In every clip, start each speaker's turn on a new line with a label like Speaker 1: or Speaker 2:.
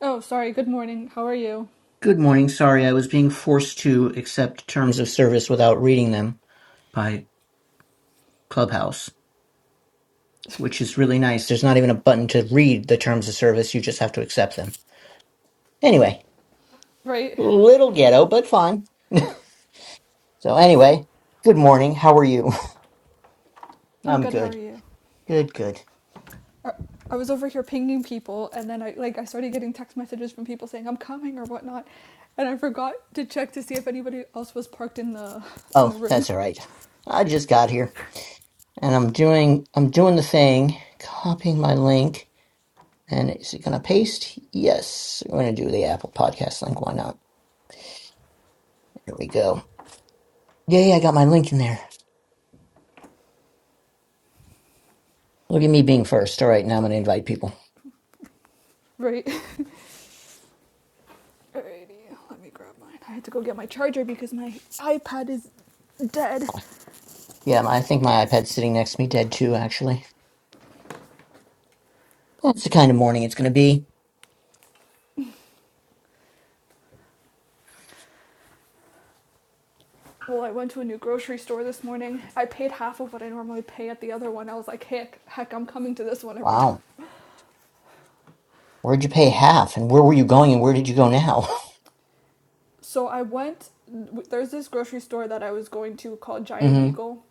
Speaker 1: Oh, sorry. Good morning. How are you?
Speaker 2: Good morning. Sorry, I was being forced to accept terms of service without reading them by Clubhouse, which is really nice. There's not even a button to read the terms of service, you just have to accept them. Anyway,
Speaker 1: Right.
Speaker 2: little ghetto, but fine. So, anyway, good morning. How are you?
Speaker 1: I'm
Speaker 2: I'm
Speaker 1: good. How are
Speaker 2: good.
Speaker 1: you?
Speaker 2: Good, good.
Speaker 1: Uh, I was over here pinging people, and then I like I started getting text messages from people saying I'm coming or whatnot, and I forgot to check to see if anybody else was parked in the in the
Speaker 2: Oh,
Speaker 1: room.
Speaker 2: that's all right. I just got here and I'm doing I'm doing the thing, copying my link. And is it going to paste? Yes. We're going to do the Apple Podcast link. Why not? Here we go. Yeah, yeah, I got my link in there. Look at me being first. All right, now I'm going
Speaker 1: Let
Speaker 2: to
Speaker 1: me
Speaker 2: invite people.
Speaker 1: right. Alrighty. Let me grab mine. I had to go get my charger because my iPad is dead.
Speaker 2: Yeah, my- I think my iPad's sitting next to me dead too, actually. That's the kind of morning it's going to be.
Speaker 1: Well, I went to a new grocery store this morning. I paid half of what I normally pay at the other one. I was like, heck, heck, I'm coming to this one every
Speaker 2: Wow. Where'd you pay half? And where were you going and where did you go now?
Speaker 1: So I went. There's this grocery store that I was going to called
Speaker 2: mm
Speaker 1: Giant
Speaker 2: hmm.
Speaker 1: Eagle.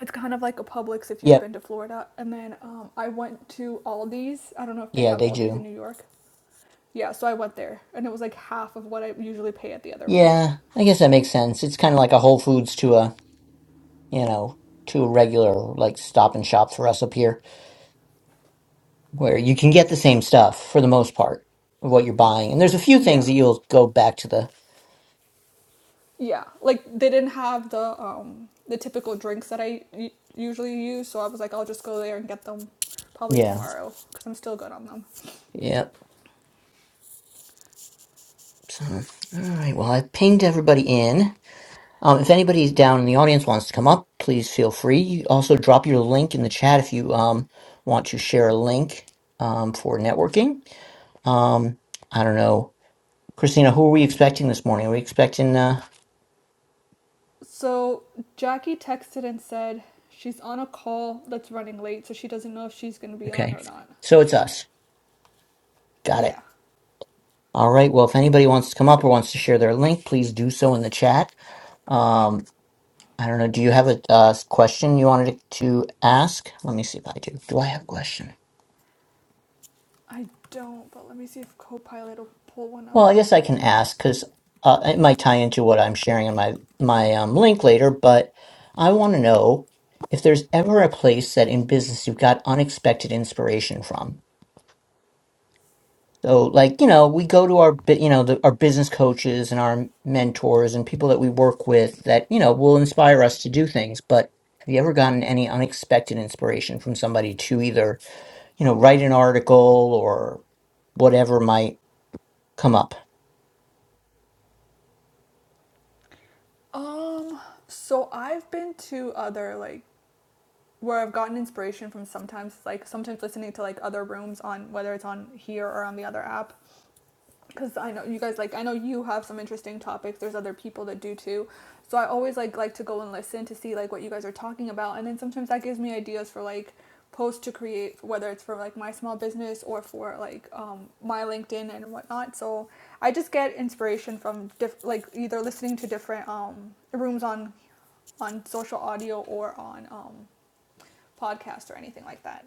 Speaker 1: It's kind of like a Publix if you've
Speaker 2: Yep.
Speaker 1: been to Florida. And then um, I went to Aldi's. I don't know if they
Speaker 2: Yeah,
Speaker 1: have
Speaker 2: they
Speaker 1: Aldi's in
Speaker 2: do.
Speaker 1: New York. Yeah, so I went there, and it was like half of what I usually pay at the other one.
Speaker 2: Yeah, I guess that makes sense. It's kind of like a Whole Foods to a, you know, to a regular, like, stop and shop for us up here, where you can get the same stuff for the most part of what you're buying. And there's a few things
Speaker 1: Yeah,
Speaker 2: that you'll go back to the.
Speaker 1: yeah. Like they didn't have the um, the typical drinks that I usually use, so I was like, I'll just go there and get them probably
Speaker 2: Yeah.
Speaker 1: tomorrow because I'm still good on them.
Speaker 2: Yeah. So, all right. Well, I've pinged everybody in. Um, if anybody down in the audience wants to come up, please feel free. You also drop your link in the chat if you um, want to share a link um, for networking. Um, I don't know, Christina. Who are we expecting this morning? Are we expecting? Uh,
Speaker 1: So Jackie texted and said she's on a call that's running late, so she doesn't know if she's going to be on
Speaker 2: okay,
Speaker 1: or not.
Speaker 2: so it's us. Got it.
Speaker 1: Yeah,
Speaker 2: All right. Well, if anybody wants to come up or wants to share their link, please do so in the chat. Um, I don't know. Do you have a uh, question you wanted to ask? Let me see if I do. Do I have a question?
Speaker 1: I don't, but let me see if Copilot will pull one
Speaker 2: Well,
Speaker 1: up.
Speaker 2: I guess I can ask because uh, it might tie into what I'm sharing in my my um, link later. But I want to know if there's ever a place that in business you've got unexpected inspiration from. So, like you know, we go to our bu- you know the, our business coaches and our mentors and people that we work with that you know will inspire us to do things. But have you ever gotten any unexpected inspiration from somebody to either you know write an article or whatever might come up?
Speaker 1: Um, so I've been to other like where I've gotten inspiration from sometimes like sometimes listening to like other rooms on whether it's on here or on the other app because I know you guys like I know you have some interesting topics. There's other people that do too. So I always like like to go and listen to see like what you guys are talking about and then sometimes that gives me ideas for like posts to create whether it's for like my small business or for like um, my LinkedIn and whatnot. So I just get inspiration from diff- like either listening to different um, rooms on on social audio or on um, podcast or anything like that.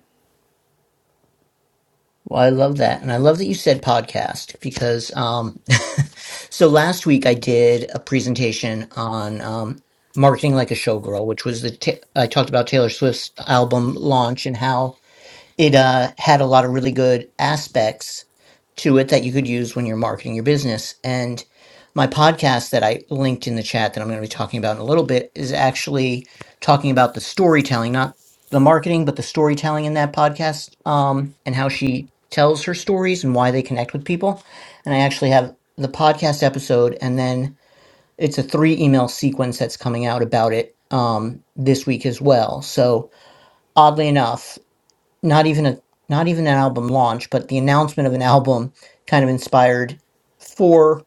Speaker 2: Well, I love that. And I love that you said podcast because, um, so last week I did a presentation on, um, marketing like a showgirl, which was the, ta- I talked about Taylor Swift's album launch and how it uh, had a lot of really good aspects to it that you could use when you're marketing your business. And my podcast that I linked in the chat that I'm going to be talking about in a little bit is actually talking about the storytelling, not the marketing, but the storytelling in that podcast um, and how she tells her stories and why they connect with people. And I actually have the podcast episode and then it's a three email sequence that's coming out about it um, this week as well. So oddly enough not even a not even an album launch, but the announcement of an album kind of inspired four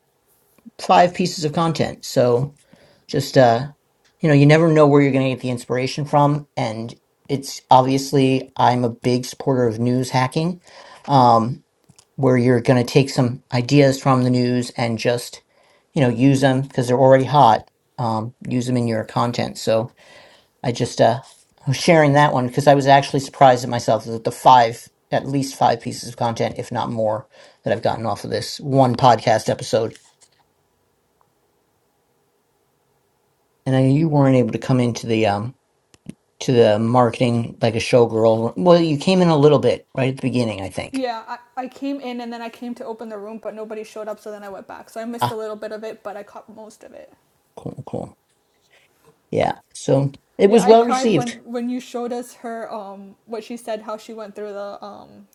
Speaker 2: five pieces of content. So just uh you know, you never know where you're going to get the inspiration from and it's obviously I'm a big supporter of news hacking um where you're going to take some ideas from the news and just you know use them because they're already hot um use them in your content. So I just uh was sharing that one because I was actually surprised at myself that the five at least five pieces of content, if not more, that I've gotten off of this one podcast episode. And I know you weren't able to come into the um to the marketing like a showgirl. Well, you came in a little bit right at the beginning, I think.
Speaker 1: Yeah, I, I came in and then I came to open the room, but nobody showed up, so then I went back. So I missed a
Speaker 2: Ah,
Speaker 1: little bit of it, but I caught most of it.
Speaker 2: cool, cool. Yeah. So it
Speaker 1: Yeah,
Speaker 2: was
Speaker 1: I
Speaker 2: well
Speaker 1: cried
Speaker 2: received.
Speaker 1: when when you showed us her um what she said how she went through the um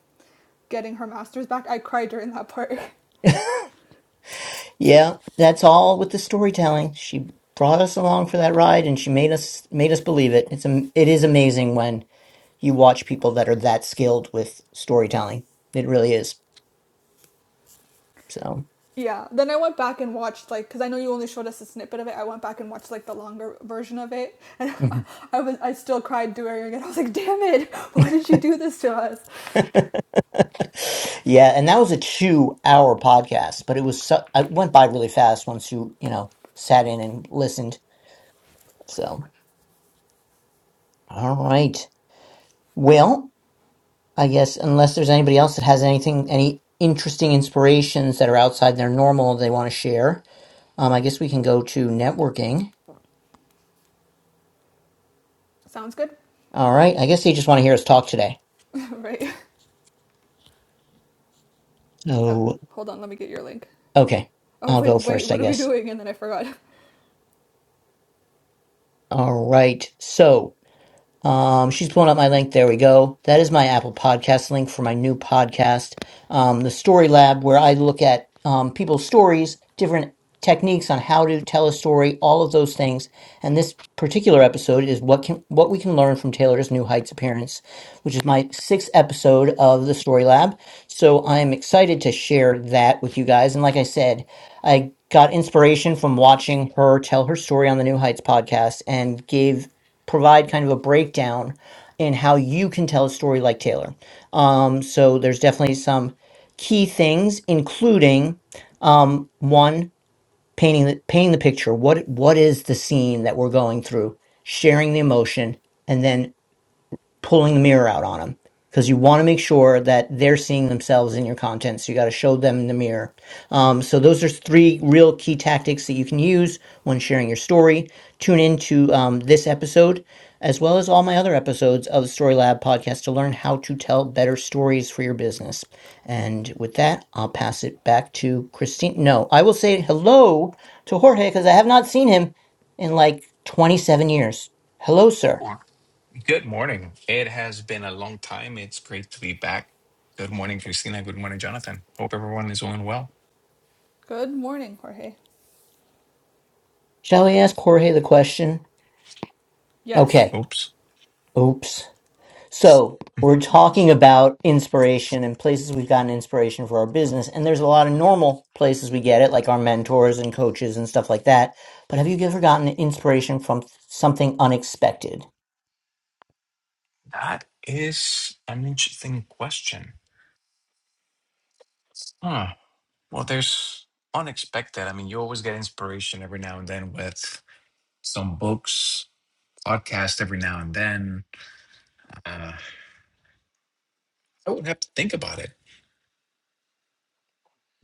Speaker 1: getting her masters back. I cried during that part.
Speaker 2: yeah, that's all with the storytelling. She brought us along for that ride and she made us made us believe it. It's am- it is amazing when you watch people that are that skilled with storytelling. It really is. So,
Speaker 1: yeah. Then I went back and watched like cuz I know you only showed us a snippet of it. I went back and watched like the longer version of it. And
Speaker 2: mhm.
Speaker 1: I was I still cried during it. I was like, "Damn it. Why did you do this to us?"
Speaker 2: yeah, and that was a two-hour podcast, but it was so, it went by really fast once you you know sat in and listened. So, all right. Well, I guess unless there's anybody else that has anything, any interesting inspirations that are outside their normal they want to share, um, I guess we can go to networking.
Speaker 1: Sounds good.
Speaker 2: All right. I guess they just want to hear us talk today.
Speaker 1: right. Oh,
Speaker 2: So,
Speaker 1: hold on. Let me get your link.
Speaker 2: okay.
Speaker 1: I was
Speaker 2: I'll
Speaker 1: like,
Speaker 2: go
Speaker 1: "Wait,
Speaker 2: first, I
Speaker 1: what are we
Speaker 2: guess.
Speaker 1: doing?" And then I forgot.
Speaker 2: alright so um, she's pulling up my link. There we go. That is my Apple Podcast link for my new podcast, um, the Story Lab, where I look at um, people's stories, different techniques on how to tell a story, all of those things. And this particular episode is what can what we can learn from Taylor's New Heights appearance, which is my sixth episode of the Story Lab. So I am excited to share that with you guys. And like I said, I got inspiration from watching her tell her story on the New Heights podcast and gave provide kind of a breakdown in how you can tell a story like Taylor. Um, so there's definitely some key things, including um, one painting the painting the picture. What what is the scene that we're going through? Sharing the emotion, and then pulling the mirror out on them because you want to make sure that they're seeing themselves in your content. So you got to show them in the mirror. Um, so those are three real key tactics that you can use when sharing your story. Tune into um, this episode as well as all my other episodes of the Story Lab podcast to learn how to tell better stories for your business. And with that, I'll pass it back to Christine. No, I will say hello to Jorge because I have not seen him in like 27 years. Hello, sir.
Speaker 3: Well, Good morning. It has been a long time. It's great to be back. Good morning, Christina. Good morning, Jonathan. Hope everyone is doing well.
Speaker 1: Good morning, Jorge.
Speaker 2: Shall we ask Jorge the question?
Speaker 1: Yes.
Speaker 2: Okay.
Speaker 3: Oops.
Speaker 2: Oops. So we're talking about inspiration and places we've gotten inspiration for our business. And there's a lot of normal places we get it, like our mentors and coaches and stuff like that. But have you ever gotten inspiration from something unexpected?
Speaker 3: That is an interesting question. Huh. Well, there's unexpected. I mean, you always get inspiration every now and then with some books, podcast every now and then. Uh, I would have to think about it.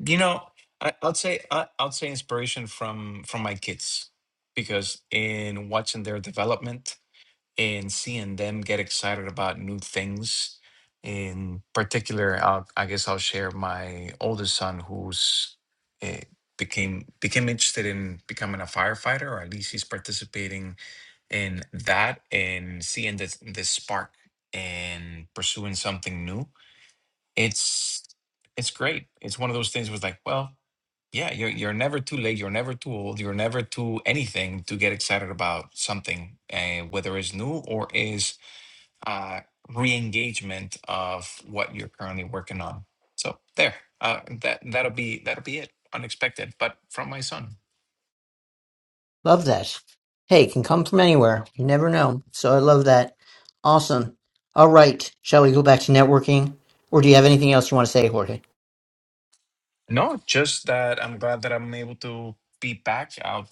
Speaker 3: You know, I, I'd say I, I'd say inspiration from from my kids because in watching their development and seeing them get excited about new things. In particular, I'll, I guess I'll share my oldest son, who's uh, became became interested in becoming a firefighter, or at least he's participating in that and seeing this this spark and pursuing something new it's it's great. It's one of those things was like, well, yeah, you're you're never too late, you're never too old, you're never too anything to get excited about something, uh, whether it's new or is uh, re-engagement of what you're currently working on. So there, uh, that that'll be that'll be it. Unexpected, but from my son.
Speaker 2: Love that. Hey, it can come from anywhere. You never know. So I love that. Awesome. All right. Shall we go back to networking? Or do you have anything else you want to say, Jorge?
Speaker 3: No, just that I'm glad that I'm able to be back. out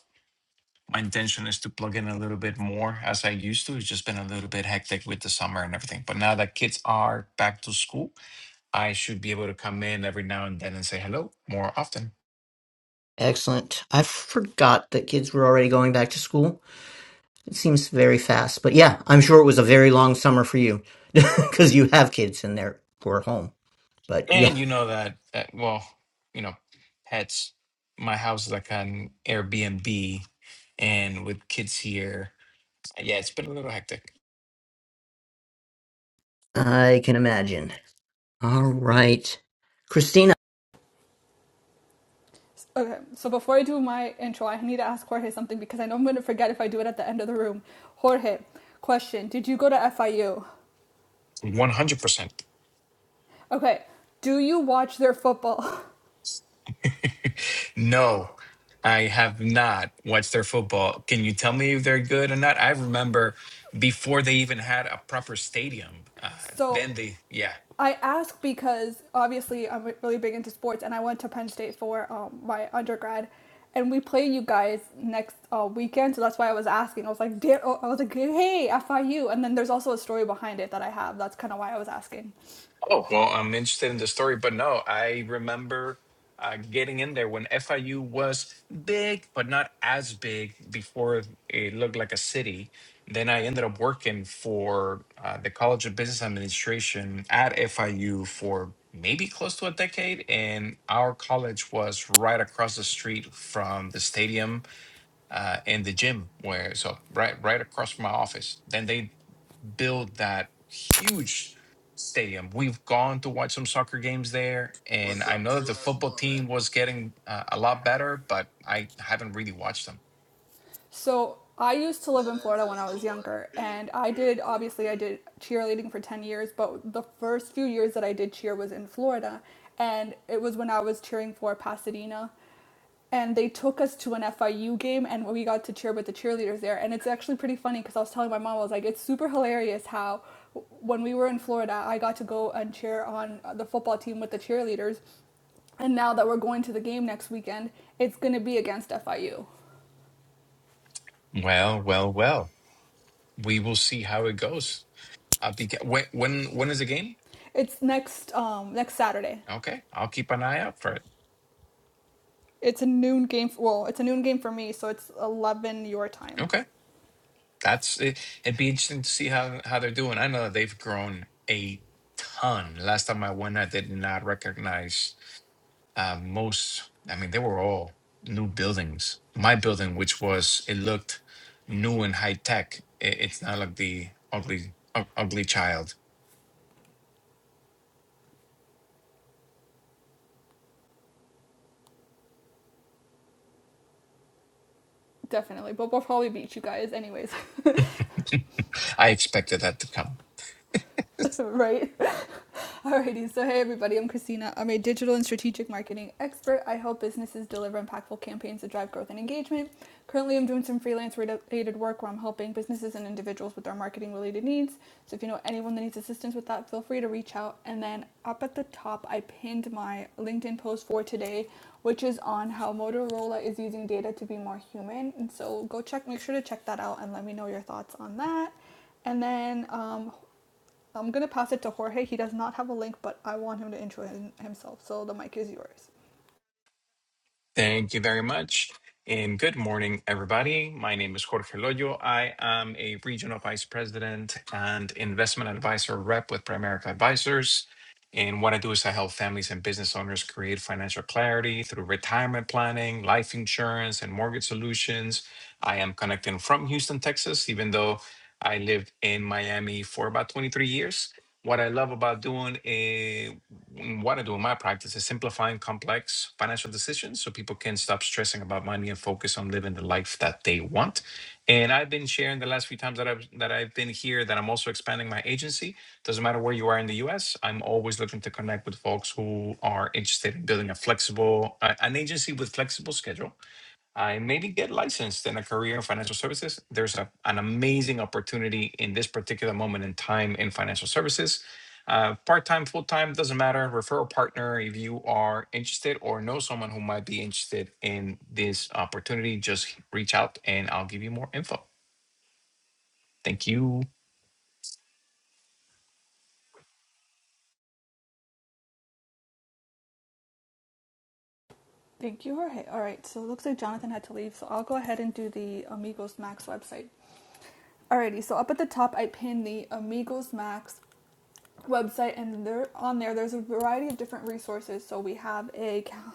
Speaker 3: my intention is to plug in a little bit more as I used to. It's just been a little bit hectic with the summer and everything. But now that kids are back to school, I should be able to come in every now and then and say hello more often.
Speaker 2: Excellent. I forgot that kids were already going back to school. It seems very fast, but yeah, I'm sure it was a very long summer for you because you have kids and they're were home. But yeah,
Speaker 3: And you know that that well, you know, pets. My house is like an Airbnb, and with kids here, yeah, it's been a little hectic.
Speaker 2: I can imagine. All right, Christina.
Speaker 1: Okay, so before I do my intro, I need to ask Jorge something because I know I'm going to forget if I do it at the end of the room. Jorge, question Did you go to FIU?
Speaker 3: 100%.
Speaker 1: Okay, do you watch their football?
Speaker 3: No, I have not watched their football. Can you tell me if they're good or not? I remember before they even had a proper stadium. Uh,
Speaker 1: So
Speaker 3: then they, yeah.
Speaker 1: I ask because obviously I'm really big into sports and I went to Penn State for um, my undergrad and we play you guys next uh, weekend. So that's why I was asking. I was like, oh," I was like, hey, FIU. And then there's also a story behind it that I have. That's kind of why I was asking.
Speaker 3: Oh, well, I'm interested in the story, but no, I remember uh, getting in there when FIU was big, but not as big before it looked like a city. Then I ended up working for uh, the College of Business Administration at FIU for maybe close to a decade. And our college was right across the street from the stadium uh, in the gym where so right right across from my office. Then they build that huge stadium. We've gone to watch some soccer games there, and I know that the football team was getting uh, a lot better, but I haven't really watched them.
Speaker 1: So I used to live in Florida when I was younger, and I did obviously I did cheerleading for 10 years, but the first few years that I did cheer was in Florida, and it was when I was cheering for Pasadena. And they took us to an FIU game, and we got to cheer with the cheerleaders there. And it's actually pretty funny because I was telling my mom, I was like, it's super hilarious how when we were in Florida, I got to go and cheer on uh, the football team with the cheerleaders. And now that we're going to the game next weekend, it's going to be against FIU.
Speaker 3: Well, well, well. We will see how it goes. I'll be ge- when when when is the game?
Speaker 1: It's next um next Saturday.
Speaker 3: Okay, I'll keep an eye out for it.
Speaker 1: It's a noon game. Well, it's a noon game for me, so it's eleven your time.
Speaker 3: Okay. That's it. It'd be interesting to see how how they're doing. I know that they've grown a ton. Last time I went, I did not recognize uh, most. I mean, they were all new buildings. My building, which was it looked new and high tech. It, it's not like the ugly u- ugly child.
Speaker 1: Definitely, but we'll probably beat you guys anyways,
Speaker 3: I expected that to come.
Speaker 1: right? Alrighty, so hey everybody, I'm Christina. I'm a digital and strategic marketing expert. I help businesses deliver impactful campaigns to drive growth and engagement. Currently, I'm doing some freelance related work where I'm helping businesses and individuals with their marketing related needs. So if you know anyone that needs assistance with that, feel free to reach out. And then up at the top, I pinned my LinkedIn post for today, which is on how Motorola is using data to be more human. And so go check, make sure to check that out and let me know your thoughts on that. And then um, I'm going to pass it to Jorge. He does not have a link, but I want him to intro him, himself. So the mic is yours.
Speaker 3: Thank you very much. And good morning, everybody. My name is Jorge Loyo. I am a regional vice president and investment advisor rep with Primerica Advisors. And what I do is I help families and business owners create financial clarity through retirement planning, life insurance, and mortgage solutions. I am connecting from Houston, Texas, even though I lived in Miami for about 23 years. What I love about doing eh, what I do in my practice is simplifying complex financial decisions so people can stop stressing about money and focus on living the life that they want. And I've been sharing the last few times that I've that I've been here that I'm also expanding my agency. Doesn't matter where you are in the US, I'm always looking to connect with folks who are interested in building a flexible uh, an agency with flexible schedule and maybe get licensed in a career in financial services. There's a, an amazing opportunity in this particular moment in time in financial services. Uh, Part time, full time, doesn't matter. Refer a partner if you are interested or know someone who might be interested in this opportunity. Just reach out and I'll give you more info. Thank you.
Speaker 1: Thank you, Jorge. All right. So it looks like Jonathan had to leave. So I'll go ahead and do the Amigos Max website. Alrighty, so up at the top, I pinned the Amigos Max website and there on there there's a variety of different resources so we have a cal-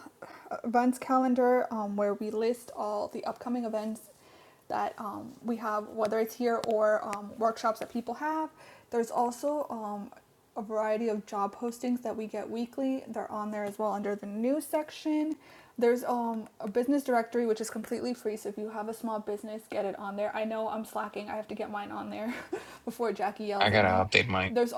Speaker 1: events calendar um, where we list all the upcoming events that um, we have whether it's here or um, workshops that people have there's also um, a variety of job postings that we get weekly they're on there as well under the news section there's um, a business directory which is completely free so if you have a small business get it on there i know i'm slacking i have to get mine on there before jackie
Speaker 3: I
Speaker 1: yells at
Speaker 3: gotta
Speaker 1: me
Speaker 3: update my.
Speaker 1: there's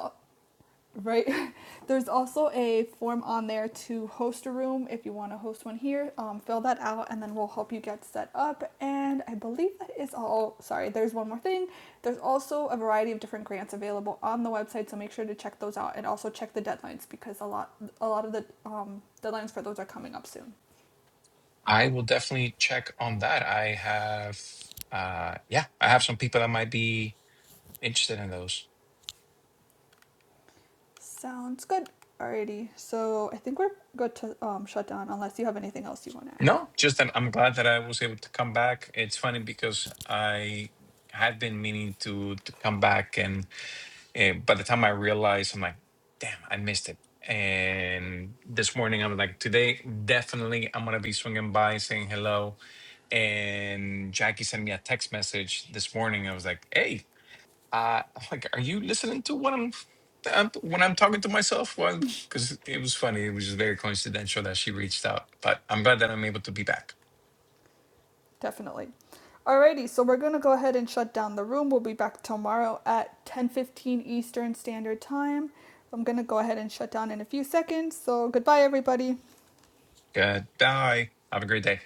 Speaker 1: Right. There's also a form on there to host a room if you want to host one here. Um, fill that out and then we'll help you get set up. And I believe that is all. Sorry, there's one more thing. There's also a variety of different grants available on the website, so make sure to check those out and also check the deadlines because a lot a lot of the um, deadlines for those are coming up soon.
Speaker 3: I will definitely check on that. I have, uh, yeah, I have some people that might be interested in those.
Speaker 1: Sounds good. Alrighty. So I think we're good to um, shut down unless you have anything else you want to add.
Speaker 3: No, just I'm, I'm glad that I was able to come back. It's funny because I had been meaning to to come back, and uh, by the time I realized, I'm like, damn, I missed it. And this morning, I'm like, today definitely I'm gonna be swinging by, saying hello. And Jackie sent me a text message this morning. I was like, hey, uh, I'm like, are you listening to what I'm? I'm- When I'm talking to myself, well, because it was funny, it was just very coincidental that she reached out. But I'm glad that I'm able to be back.
Speaker 1: Definitely. Alrighty, so we're gonna go ahead and shut down the room. We'll be back tomorrow at 10:15 Eastern Standard Time. I'm gonna go ahead and shut down in a few seconds. So goodbye, everybody.
Speaker 3: Goodbye. Have a great day.